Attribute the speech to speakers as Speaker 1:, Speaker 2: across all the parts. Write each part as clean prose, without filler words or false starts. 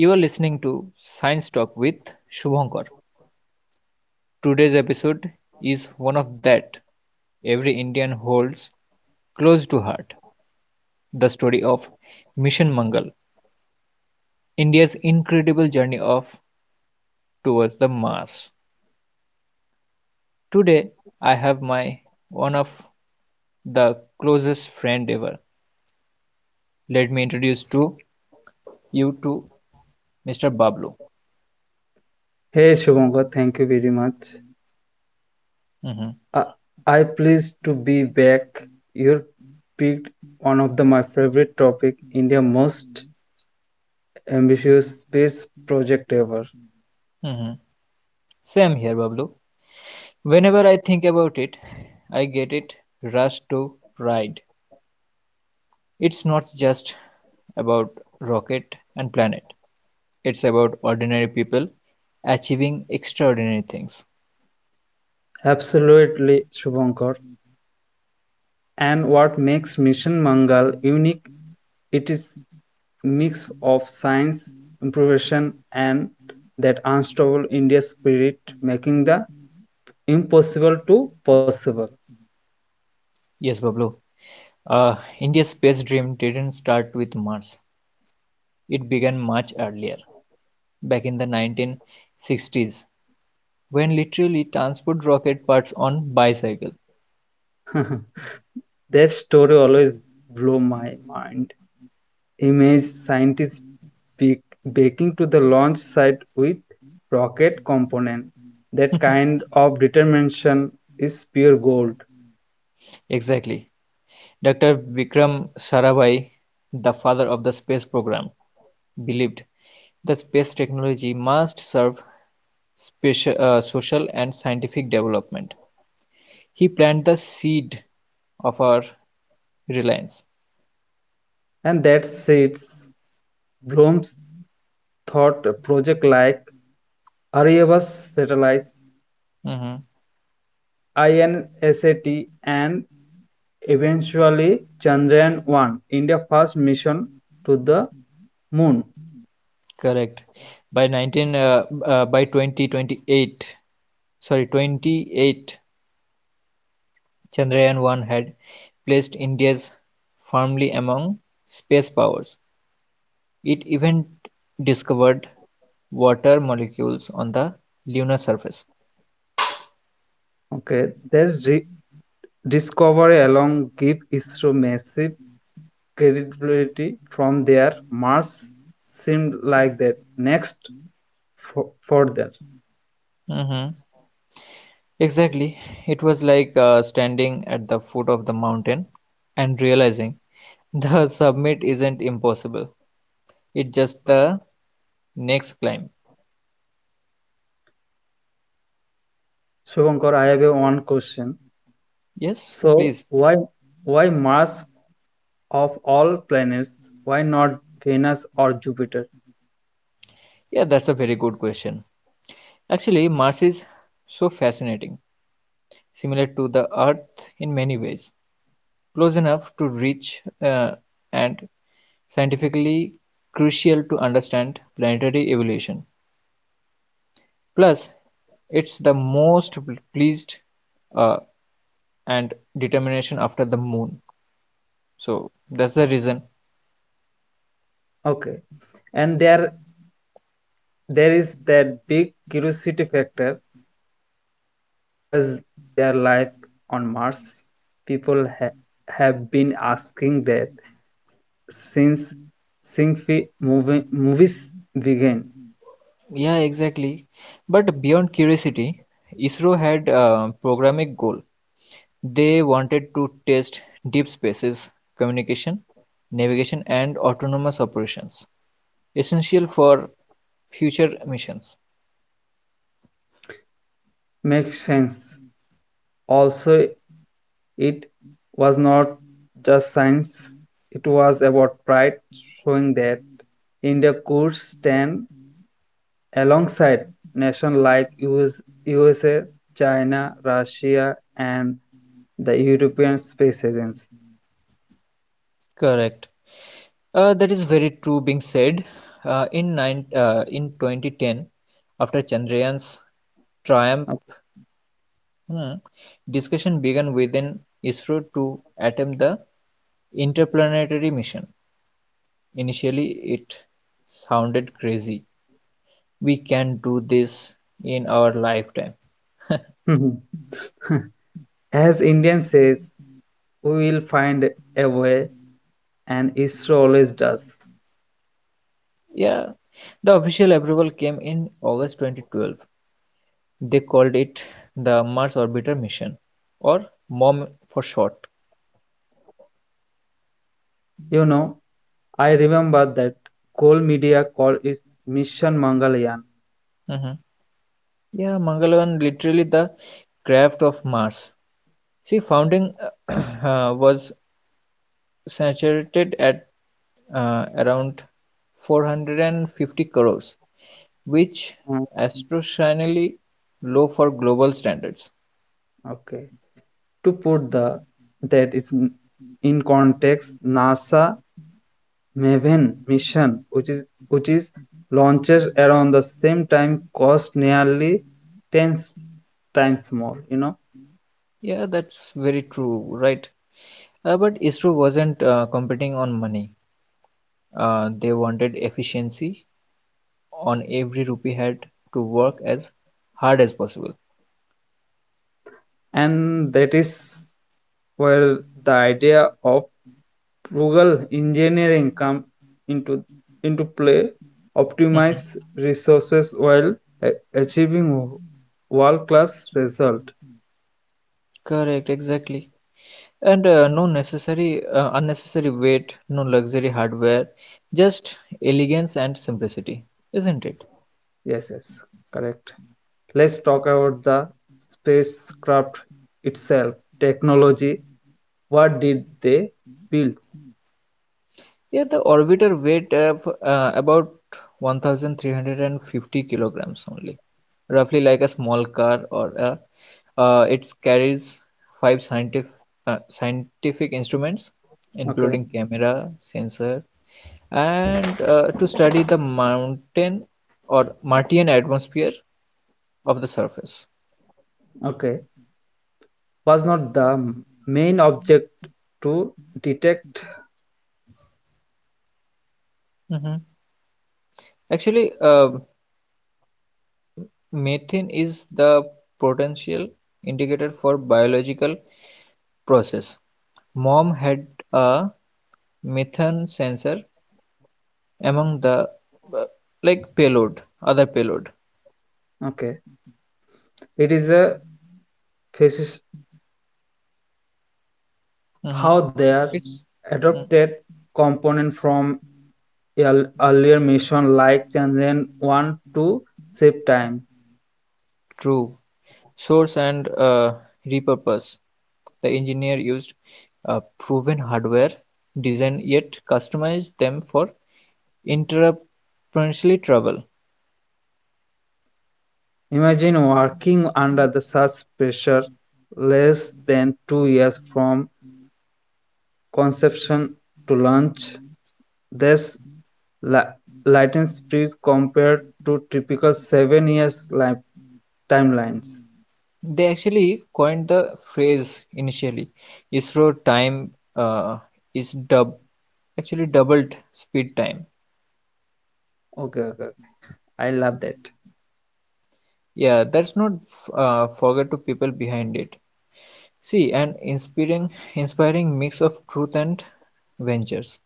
Speaker 1: You are listening to Science Talk with Shubhankar. Today's episode is one of that every Indian holds close to heart, the story of Mission Mangal, India's incredible journey of towards the Mars. Today I have my one of the closest friend ever. Let me introduce to you to Mr. Bablu.
Speaker 2: Hey Shubhankar, thank you very much.
Speaker 1: Mhm,
Speaker 2: I, I pleased to be back. You picked one of my favorite topic, India most ambitious space project ever.
Speaker 1: mhm. Same here, Bablu. Whenever I think about it, I get it rushed to pride. It's not just about rocket and planet. It's about ordinary people achieving extraordinary things.
Speaker 2: Absolutely, Shubhankar. And what makes Mission Mangal unique? It is mix of science, improvisation, and that unstoppable India spirit, making the impossible to possible.
Speaker 1: Yes, Bablu. India's space dream didn't start with Mars. It began much earlier, back in the 1960s, when literally transport rocket parts on bicycle.
Speaker 2: That story always blew my mind. Image scientists baking to the launch site with rocket component. That kind of determination is pure gold.
Speaker 1: Exactly. Dr. Vikram Sarabhai, the father of the space program, believed the space technology must serve special social and scientific development. He planted the seed of our reliance.
Speaker 2: And that sets Bloom's thought project like Aryava's satellites,
Speaker 1: Mhm.
Speaker 2: INSAT, and eventually Chandrayaan 1, India's first mission to the moon.
Speaker 1: Correct. By 19, uh, uh, by 2028, sorry, 28, Chandrayaan 1 had placed India's firmly among space powers. It even discovered water molecules on the lunar surface.
Speaker 2: Okay, that's discovery alone give ISRO massive credibility from their mass seemed like that. Next, for, further.
Speaker 1: Mm-hmm. Exactly. It was like standing at the foot of the mountain and realizing the summit isn't impossible. It's just the next climb.
Speaker 2: Shubhankar, I have a one question.
Speaker 1: Yes,
Speaker 2: So,
Speaker 1: please.
Speaker 2: why Mars of all planets? Why not Venus or Jupiter?
Speaker 1: Yeah, that's a very good question. Actually, Mars is so fascinating, similar to the Earth in many ways, close enough to reach and scientifically crucial to understand planetary evolution. Plus, it's the most pleased uh, and determination after the moon. So that's the reason.
Speaker 2: Okay, and there is that big curiosity factor. Was there life on Mars? People have been asking that since sci-fi movies began.
Speaker 1: Yeah, exactly. But beyond curiosity, ISRO had a programmatic goal. They wanted to test deep spaces communication, navigation, and autonomous operations, essential for future missions.
Speaker 2: Makes sense. Also, it was not just science, it was about pride, showing that India could stand alongside nations like US, USA, China, Russia, and the European Space Agency.
Speaker 1: Correct. That is very true being said. In 2010, after Chandrayaan's triumph. Hmm. Discussion began within ISRO to attempt the interplanetary mission. Initially, it sounded crazy. We can do this in our lifetime.
Speaker 2: Okay. As Indian says, we will find a way, and ISRO always does.
Speaker 1: Yeah, the official approval came in August 2012. They called it the Mars Orbiter Mission, or MOM for short.
Speaker 2: You know, I remember that Coal Media call is mission Mangalyaan.
Speaker 1: Mhm. Yeah, Mangalan literally the craft of Mars. See, founding was saturated at around 450 crores, which
Speaker 2: Mm.
Speaker 1: astronomically low for global standards.
Speaker 2: Okay. To put the that is in context, NASA Maven mission, which is launches around the same time, cost nearly 10 times more,
Speaker 1: Yeah, that's very true, right? But ISRO wasn't competing on money. They wanted efficiency on every rupee had to work as hard as possible.
Speaker 2: and that is where the idea of Frugal engineering come into into play,
Speaker 1: Mhm.
Speaker 2: optimize resources while uh, achieving world-class result.
Speaker 1: Correct, exactly. And no unnecessary weight, no luxury hardware, just elegance and simplicity, isn't it?
Speaker 2: Yes, yes, correct. Let's talk about the spacecraft itself, technology. What did they build?
Speaker 1: Yeah, the orbiter weighed of, about 1350 kilograms only, roughly like a small car it carries five scientific instruments, including
Speaker 2: Okay,
Speaker 1: camera, sensor, and to study the mountain or Martian atmosphere of the surface.
Speaker 2: okay. Was not the main object to detect.
Speaker 1: Mhm. Actually, methane is the potential indicator for biological process. Mom had a methane sensor among the uh, like payload other payload.
Speaker 2: Okay, it is a.
Speaker 1: Mm-hmm.
Speaker 2: How their
Speaker 1: It's mm,
Speaker 2: adopted component from earlier mission like Chandrayaan-1 to save time.
Speaker 1: true source and repurpose the engineer used proven hardware design yet customized them for intrapreneurial travel.
Speaker 2: Imagine working under the such pressure less than 2 years from conception to launch. This la- latent speed compared to typical 7 years timelines.
Speaker 1: They actually coined the phrase initially isro time uh, is dub actually doubled speed time.
Speaker 2: Okay, okay. I love that.
Speaker 1: Yeah, that's not forget to people behind it. See, an inspiring mix of truth and ventures.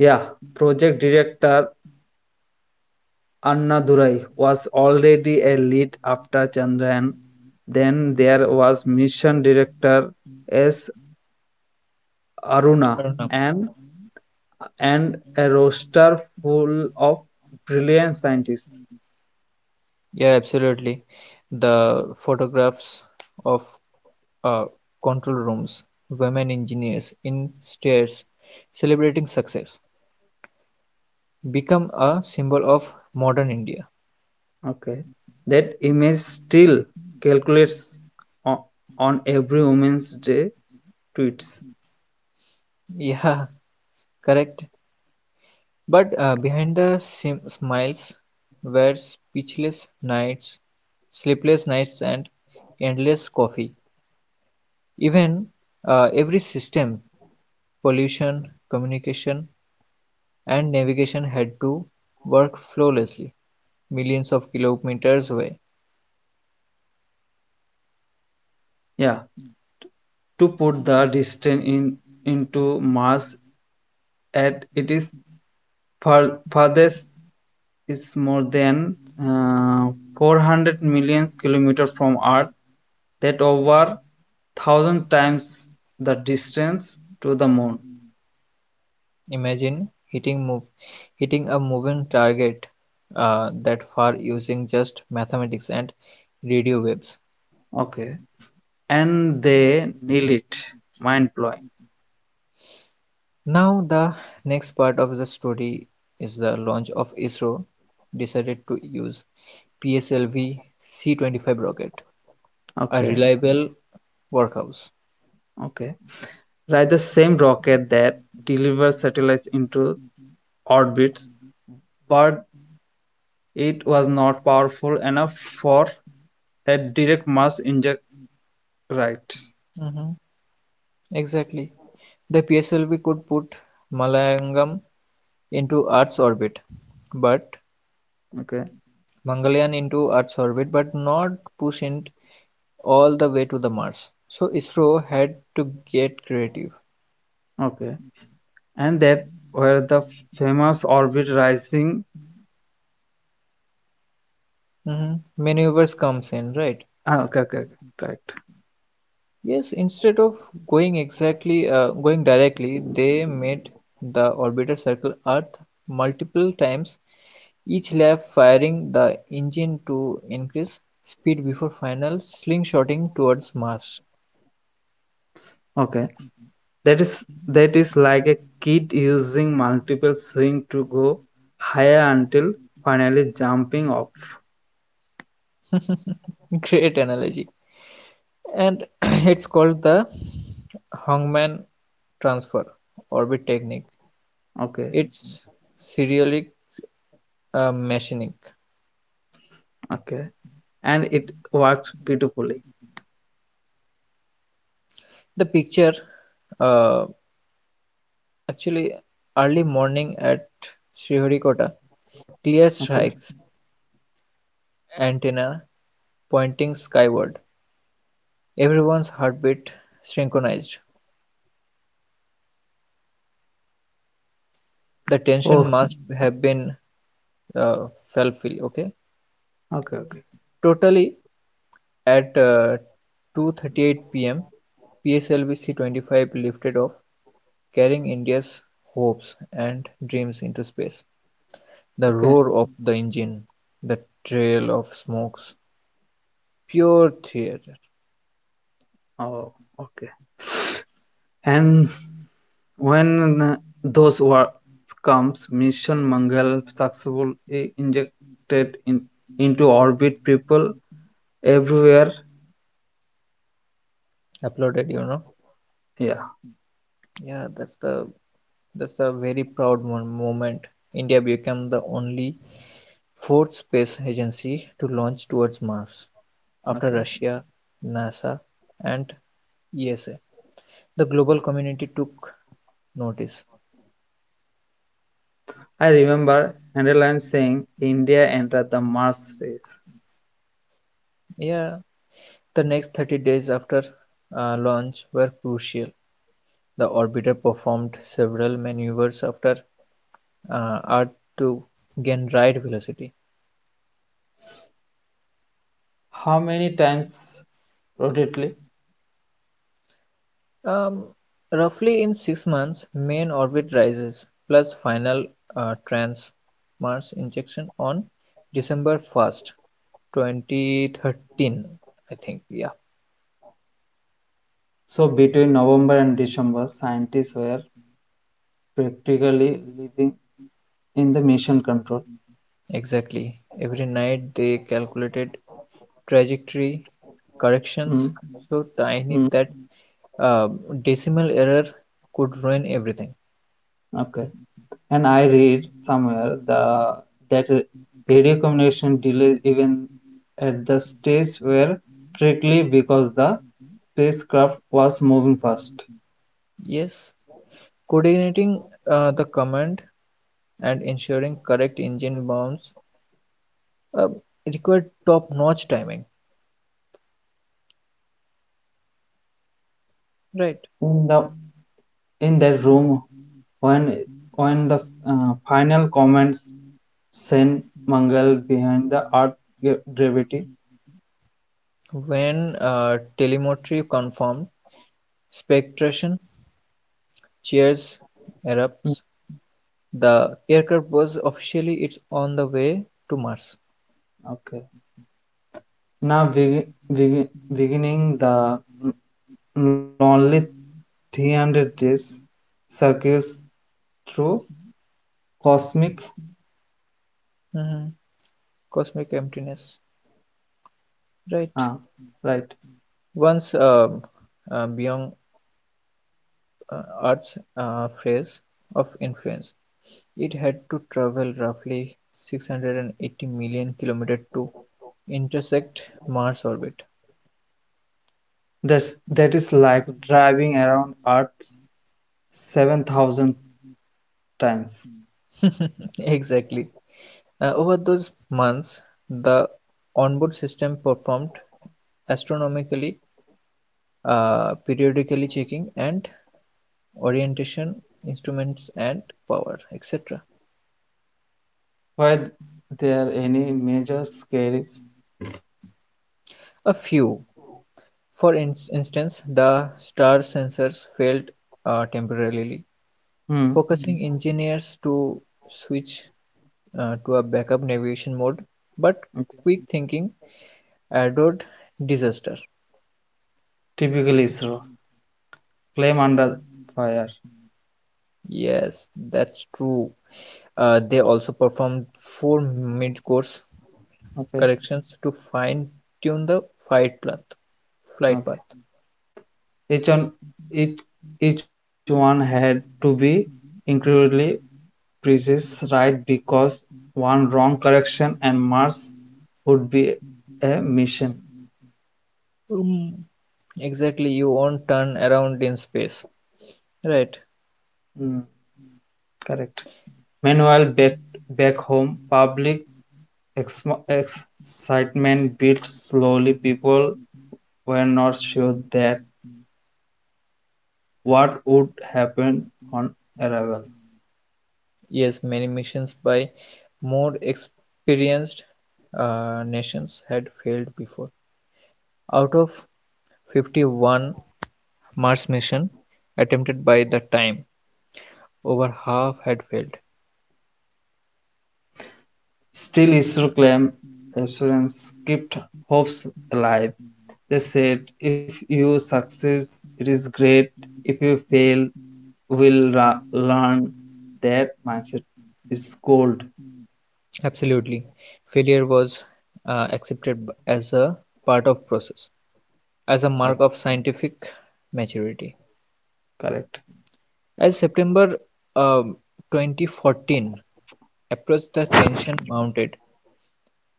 Speaker 2: Yeah, project director Annadurai was already a lead after Chandran; then there was Mission Director S.
Speaker 1: I
Speaker 2: Aruna
Speaker 1: don't know.
Speaker 2: and and a roster full of brilliant scientists.
Speaker 1: Yeah, absolutely. The photographs of uh, control rooms, women engineers in stairs, celebrating success, become a symbol of modern India.
Speaker 2: Okay. That image still calculates on, on every Women's Day tweets.
Speaker 1: Yeah, correct. But behind the smiles were speechless nights, sleepless nights, and endless coffee. Even every system pollution, communication, and navigation had to work flawlessly millions of kilometers away.
Speaker 2: Yeah. To put the distance in into Mars at it is far, farthest is more than uh, 400 million kilometers from Earth, that over thousand times the distance to the moon.
Speaker 1: Imagine hitting a moving target that far using just mathematics and radio waves.
Speaker 2: Okay, and they nail it. Mind blowing.
Speaker 1: Now the next part of the story is the launch of ISRO decided to use PSLV C25 rocket, a
Speaker 2: Okay,
Speaker 1: reliable workhorse.
Speaker 2: okay. Right, the same rocket that delivers satellites into orbits, but it was not powerful enough for a direct mass inject. Right.
Speaker 1: Mhm. Exactly. The pslv could put Malayagam into Earth's orbit, but
Speaker 2: Okay.
Speaker 1: Mangalyaan into Earth's orbit, but not push it all the way to the Mars. So ISRO had to get creative.
Speaker 2: Okay. And that where the famous orbit rising.
Speaker 1: Mhm. Maneuvers comes in, right?
Speaker 2: Ah, okay. Okay, okay, correct.
Speaker 1: Yes, instead of going directly, they made the orbiter circle Earth multiple times, each lap firing the engine to increase speed before final slingshotting towards Mars.
Speaker 2: Okay, that is like a kid using multiple swing to go higher until finally jumping off.
Speaker 1: Great analogy. And it's called the Hongman transfer orbit technique.
Speaker 2: Okay,
Speaker 1: It's serialic machining.
Speaker 2: okay. And it worked beautifully.
Speaker 1: The picture, uh, actually, early morning at Sriharikota, clear
Speaker 2: Okay.
Speaker 1: strikes, antenna pointing skyward, everyone's heartbeat synchronized. The
Speaker 2: Oh,
Speaker 1: tension must have been uh, fulfilled, okay?
Speaker 2: okay. Okay,
Speaker 1: Totally. At 2:38 p.m., PSLV C-25 lifted off, carrying India's hopes and dreams into space. The
Speaker 2: okay.
Speaker 1: roar of the engine, the trail of smokes, pure theater.
Speaker 2: Oh, okay. And when those work comes, mission mangal successfully injected in into orbit, people everywhere.
Speaker 1: Applauded.
Speaker 2: Yeah.
Speaker 1: Yeah, that's a very proud moment. India became the only fourth space agency to launch towards Mars after
Speaker 2: Okay.
Speaker 1: Russia, NASA, and ESA. The global community took notice.
Speaker 2: I remember Henderland saying India entered the Mars race.
Speaker 1: Yeah, the next 30 days after launch were crucial. The orbiter performed several maneuvers after Earth to gain right velocity.
Speaker 2: How many times rotately?
Speaker 1: Um, roughly in 6 months, main orbit rises plus final trans Mars injection on December 1st, 2013. I think, yeah,
Speaker 2: So between November and December, scientists were practically living in the mission control.
Speaker 1: exactly. Every night they calculated trajectory
Speaker 2: Mm.
Speaker 1: corrections so
Speaker 2: Mm.
Speaker 1: tiny that uh, decimal error could ruin everything.
Speaker 2: Okay. And I read somewhere the that radio communication delays even at the stage were strictly because the spacecraft was moving fast.
Speaker 1: Yes, coordinating the command and ensuring correct engine bounds uh, required top-notch timing, right?
Speaker 2: In the in that room when when the final comments send Mangal behind the earth gravity.
Speaker 1: When telemetry confirmed spectration, cheers
Speaker 2: Mm.
Speaker 1: erupts. The aircraft was officially it's on the way to Mars.
Speaker 2: Okay. Now begi- beginning the lonely 300 days circuits through cosmic
Speaker 1: Mhm. Cosmic emptiness,
Speaker 2: uh,
Speaker 1: right?
Speaker 2: right.
Speaker 1: Once beyond Earth's phrase of influence. It had to travel roughly 680 million kilometers to intersect Mars' orbit.
Speaker 2: That's that is like driving around earth 7,000 times.
Speaker 1: Exactly. Over those months, the onboard system performed astronomically, periodically checking and orientation instruments and power, etc.
Speaker 2: Were there any major scares?
Speaker 1: A few, for instance, the star sensors failed temporarily,
Speaker 2: Hmm.
Speaker 1: focusing engineers to switch to a backup navigation mode, but quick thinking adored disaster.
Speaker 2: Typically ISRO claim under fire.
Speaker 1: Yes, that's true. They also performed four mid-course
Speaker 2: Okay,
Speaker 1: corrections to fine-tune the flight path. Flight
Speaker 2: okay.
Speaker 1: path.
Speaker 2: Each one, each each one had to be incredibly precise, right? Because one wrong correction and Mars would be a mission.
Speaker 1: Um, exactly, you won't turn around in space, right?
Speaker 2: Mm, correct. Meanwhile, back home, public ex- excitement built slowly. People were not sure that what would happen on arrival.
Speaker 1: Yes, many missions by more experienced nations had failed before. Out of 51 Mars mission attempted by that time over half had failed.
Speaker 2: Still issue claim assurance kept hopes alive. They said, if you succeed, it is great. If you fail, we'll learn. That mindset is gold.
Speaker 1: Absolutely. Failure was accepted as a part of process, as a
Speaker 2: Uh,
Speaker 1: mark of scientific maturity.
Speaker 2: Correct.
Speaker 1: As September um 2014 approached, the tension mounted.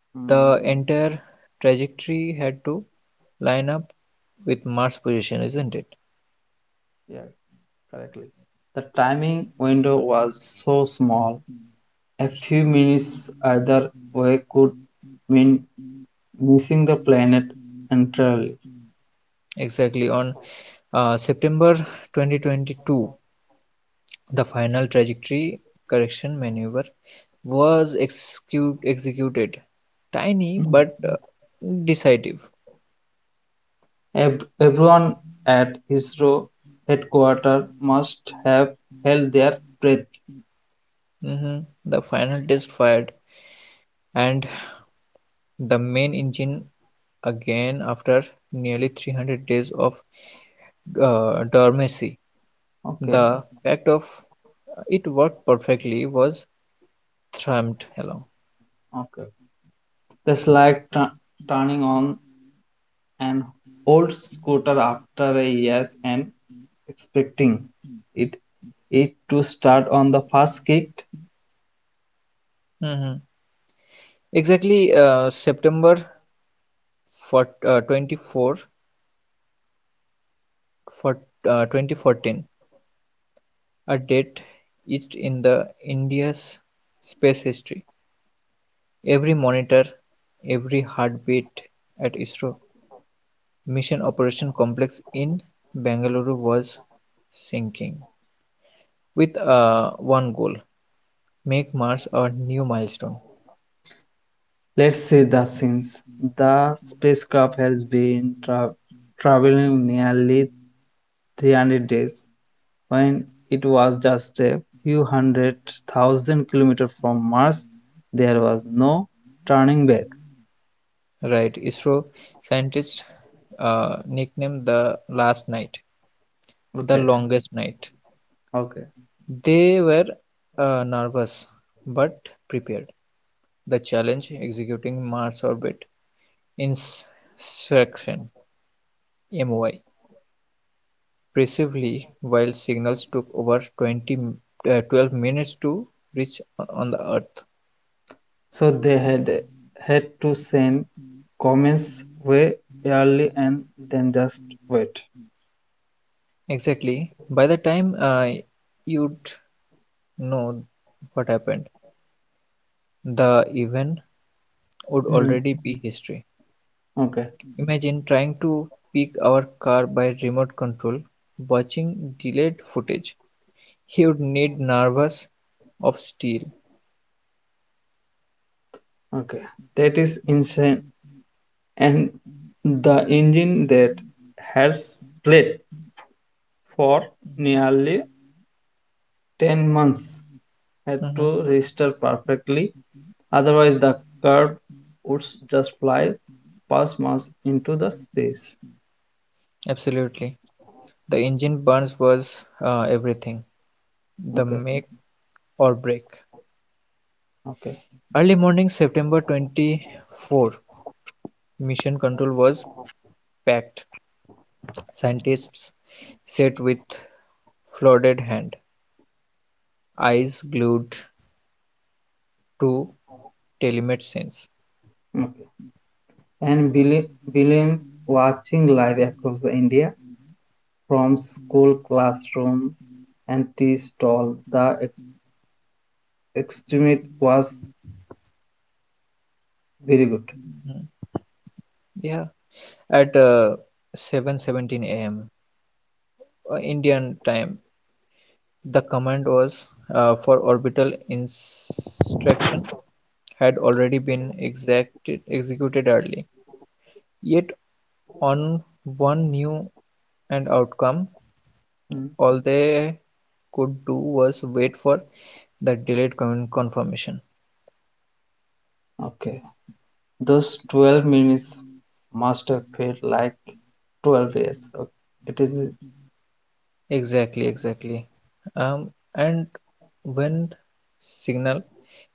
Speaker 2: Mm,
Speaker 1: The entire trajectory had to line up with Mars position, isn't it?
Speaker 2: yeah, correctly. The timing window was so small. A few minutes either way could mean missing the planet entirely.
Speaker 1: Exactly. On September 2022, the final trajectory correction maneuver was executed, tiny
Speaker 2: Mm.
Speaker 1: but decisive.
Speaker 2: Everyone at Isro headquarters must have held their breath.
Speaker 1: Mhm. The final test fired, and the main engine again after nearly 300 days of dormancy.
Speaker 2: Okay,
Speaker 1: The fact of it worked perfectly was thrummed along.
Speaker 2: okay. That's like turning on an old scooter after a year and expecting it it to start on the first kick.
Speaker 1: Mhm. Exactly September 4, 24 for 2014. A date etched in the India's space history: every monitor, every heartbeat at ISRO Mission Operation Complex in Bengaluru was sinking with one goal: make Mars our new milestone.
Speaker 2: Let's see the scenes. The spacecraft has been traveling nearly 300 days when it was just a few 100,000 kilometers from Mars, there was no turning back.
Speaker 1: Right, ISRO scientists nicknamed the last night the
Speaker 2: Okay,
Speaker 1: longest night.
Speaker 2: okay.
Speaker 1: They were nervous but prepared. The challenge executing Mars orbit Insurrection MOI, bravely while signals took over 12 minutes to reach on the Earth.
Speaker 2: So they had to send comets way early and then just wait.
Speaker 1: Exactly. By the time you'd know what happened, the event would
Speaker 2: Mm,
Speaker 1: already be history.
Speaker 2: okay,
Speaker 1: Imagine trying to pick our car by remote control, watching delayed footage. He would need nerves of steel.
Speaker 2: okay. That is insane. And the engine that has played for nearly 10 months had
Speaker 1: Mhm.
Speaker 2: to register perfectly. Otherwise the curve would just fly past Mars into the space.
Speaker 1: Absolutely. The engine burns was everything, the
Speaker 2: Okay,
Speaker 1: make or break.
Speaker 2: okay,
Speaker 1: Early morning, September 24, mission control was packed. Scientists sat with flooded hand, eyes glued to telemet scenes.
Speaker 2: okay. And billions watching live across the India from school classroom and tea stall. The estimate was very good.
Speaker 1: Mhm. Yeah, at 7:17 a.m. Indian time, the command was for orbital instruction had already been executed early. Yet on one new and outcome,
Speaker 2: Mm.
Speaker 1: all they could do was wait for the delayed confirmation.
Speaker 2: Okay, those 12 minutes must have felt like 12 years. Okay. It is
Speaker 1: Exactly, exactly. And when signal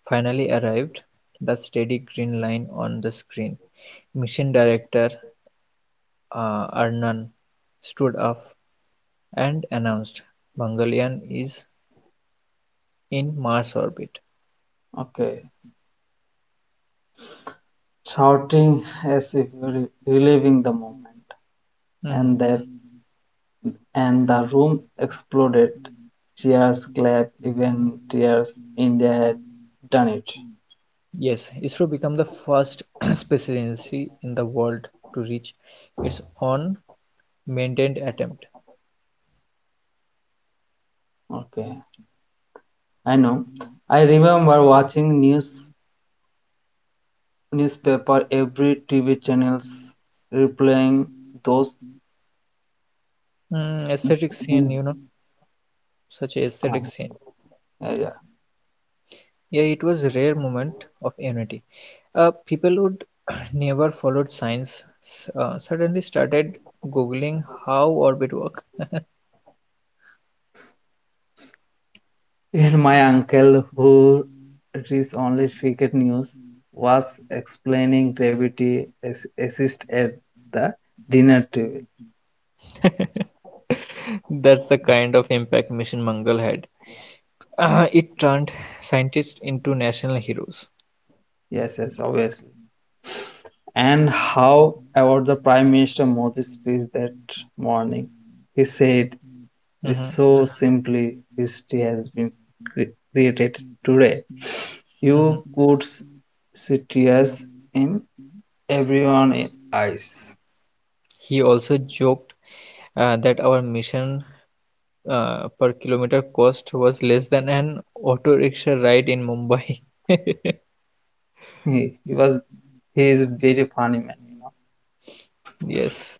Speaker 1: finally arrived, the steady green line on the screen, mission director Arnan stood up and announced Mangalyaan is in Mars orbit.
Speaker 2: okay. Shouting as if reliving the moment. and
Speaker 1: Mhm.
Speaker 2: that and the room exploded. Cheers, clap, even tears. India had done it.
Speaker 1: Yes, ISRO became the first space agency in the world to reach its own maintained attempt.
Speaker 2: Okay, I know. I remember watching newspaper every TV channels replaying those.
Speaker 1: Mm, aesthetic scene, such a aesthetic
Speaker 2: Ah,
Speaker 1: scene.
Speaker 2: yeah, yeah.
Speaker 1: Yeah, it was a rare moment of unity. People would never followed science suddenly started googling how orbit work.
Speaker 2: Even my uncle who reads only cricket news was explaining gravity as assist at the dinner table.
Speaker 1: That's the kind of impact Mission Mangal had. It turned scientists into national heroes.
Speaker 2: Yes, yes, obviously. And how about the Prime Minister Modi's speech that morning? He said, it is
Speaker 1: Mhm,
Speaker 2: so simply history has been created today. You
Speaker 1: mhm.
Speaker 2: could see tears in everyone in eyes.
Speaker 1: He also joked that our mission per kilometer cost was less than an auto rickshaw ride in Mumbai.
Speaker 2: He, he was he is a very funny man, you know.
Speaker 1: Yes,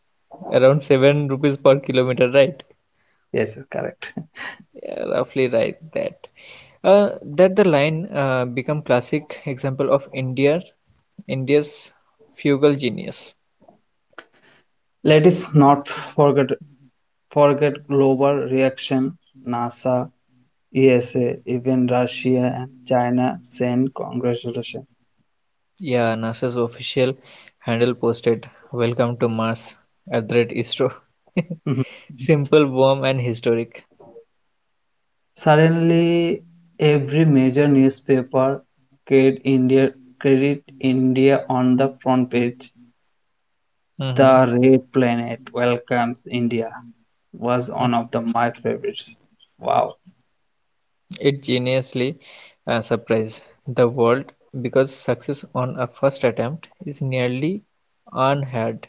Speaker 1: around 7 rupees per kilometer, right?
Speaker 2: Yes, correct.
Speaker 1: Yeah, roughly right that. Uh, that the line become classic example of India's fugal genius.
Speaker 2: Let us not forget global reaction. NASA, ESA, even Russia and China send congratulations.
Speaker 1: Yeah, NASA's official handle posted "Welcome to Mars" at the rate ISRO.
Speaker 2: Mm-hmm.
Speaker 1: Simple, warm, and historic.
Speaker 2: Suddenly, every major newspaper carried India, carried India on the front page.
Speaker 1: Mm-hmm.
Speaker 2: The Red Planet welcomes India was one
Speaker 1: Mm-hmm.
Speaker 2: of the my favorites. Wow.
Speaker 1: It geniusly surprised the world because success on a first attempt is nearly unheard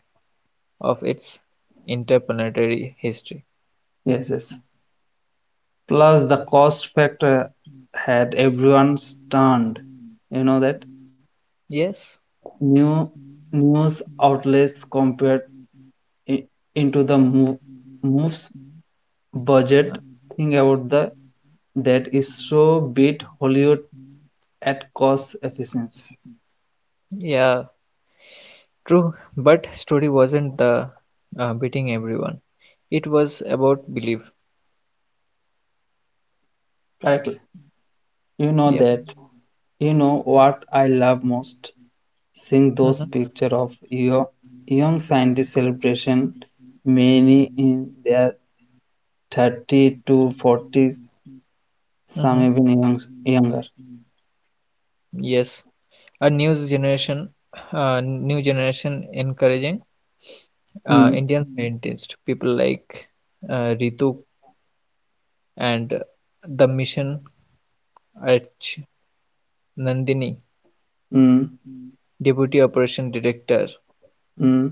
Speaker 1: of its interplanetary history.
Speaker 2: Yes, yes. Plus, the cost factor had everyone stunned. You know that
Speaker 1: Yes,
Speaker 2: new news outlets compared i- into the moves
Speaker 1: uh,
Speaker 2: budget. Think about the that is so beat Hollywood at cost efficiency.
Speaker 1: yeah, true. But story wasn't the beating everyone. It was about belief.
Speaker 2: Correctly. You know
Speaker 1: Yep.
Speaker 2: that. You know what I love most? Seeing those
Speaker 1: Mm-hmm.
Speaker 2: pictures of your young scientists celebration, many in their 30 to 40s, some
Speaker 1: Mm-hmm.
Speaker 2: even younger.
Speaker 1: Yes, a new generation encouraging
Speaker 2: Hmm.
Speaker 1: Indian scientists, people like Ritu and the mission H. Nandini,
Speaker 2: Hmm.
Speaker 1: deputy operation director,
Speaker 2: Hmm.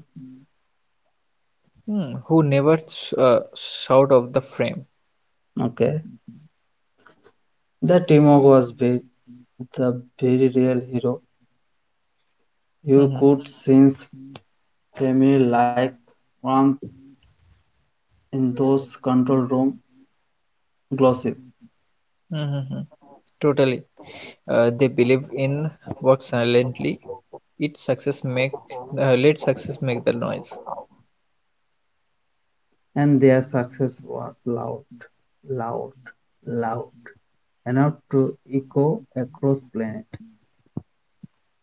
Speaker 1: who never out of the frame.
Speaker 2: Okay. The teamwork was big, the very real hero. You
Speaker 1: Mhm,
Speaker 2: could sense family like warmth in those control room glossy.
Speaker 1: mhm, mhm. Totally. They believed in work silently. It success make let success make the noise.
Speaker 2: And their success was loud, loud, loud, enough to echo across planet.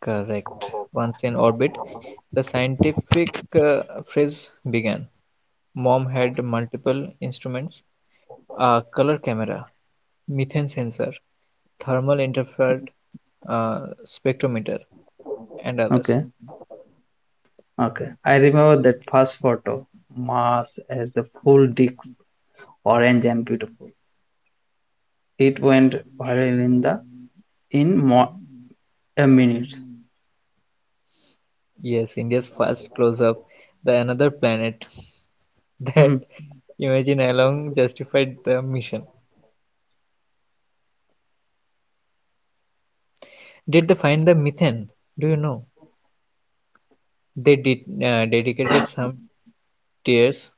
Speaker 1: Correct. Once in orbit, the scientific uh, phase began. Mom had multiple instruments, a color camera, methane sensor, thermal interfered spectrometer, and others.
Speaker 2: Okay, okay. I remember that first photo, Mars as the full disc, orange and beautiful. It went viral in the in more minutes.
Speaker 1: Yes, India's first close-up, the another planet that
Speaker 2: Mhm.
Speaker 1: imagine along justified the mission. Did they find the methane? Do you know? They did dedicated some tears,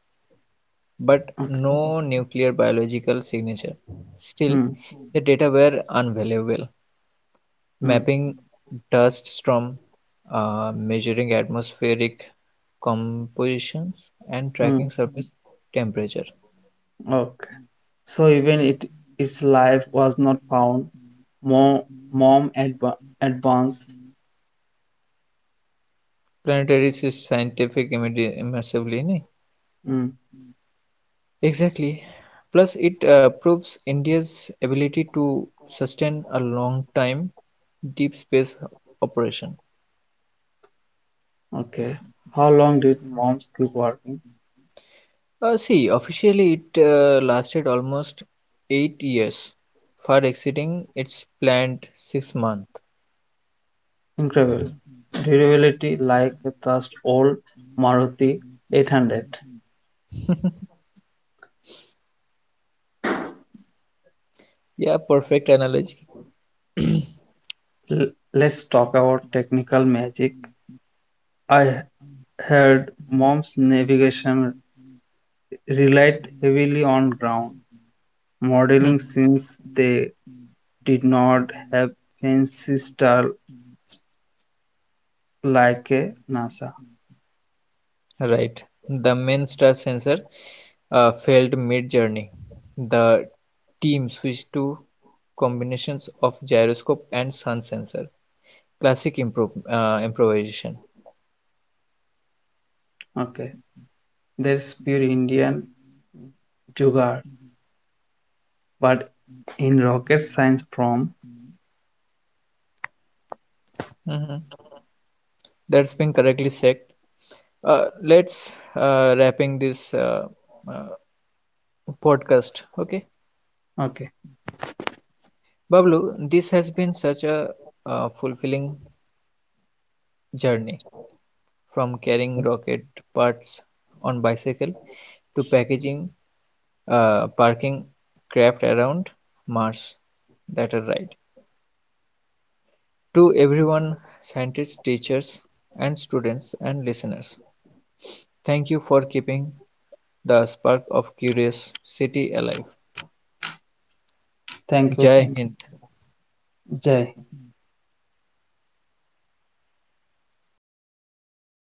Speaker 1: but
Speaker 2: Okay.
Speaker 1: no nuclear biological signature. Still,
Speaker 2: Hmm.
Speaker 1: the data were unvaluable.
Speaker 2: Hmm.
Speaker 1: Mapping dust storm, measuring atmospheric compositions, and
Speaker 2: Hmm.
Speaker 1: tracking surface temperature.
Speaker 2: Okay. So even it its life was not found. More mom advanced.
Speaker 1: Planetary is scientific immersively nahi?
Speaker 2: Mm.
Speaker 1: Exactly, plus it proves India's ability to sustain a long time deep space operation.
Speaker 2: Okay. How long did moms keep working?
Speaker 1: See officially it lasted almost 8 years far exceeding its planned 6 months.
Speaker 2: Incredible. Durability like a just old Maruti 800.
Speaker 1: Yeah, perfect analogy. Mhm.
Speaker 2: L- let's talk about technical magic. I heard mom's navigation relied heavily on ground modeling since they did not have fancy style like a NASA.
Speaker 1: Right. The main star sensor failed mid journey. The team switched to combinations of gyroscope and sun sensor. Classic improvisation.
Speaker 2: Okay, there's pure Indian jugaad, but in rocket science from
Speaker 1: Mhm. That's been correctly said. Let's wrapping this uh, podcast. Okay,
Speaker 2: okay.
Speaker 1: Bablu, this has been such a fulfilling journey from carrying rocket parts on bicycle to packaging parking craft around Mars that are right. To everyone, scientists, teachers, and students and listeners, thank you for keeping the spark of curiosity alive.
Speaker 2: Thank you
Speaker 1: Jai
Speaker 2: thank
Speaker 1: Hind.
Speaker 2: You जय हिंद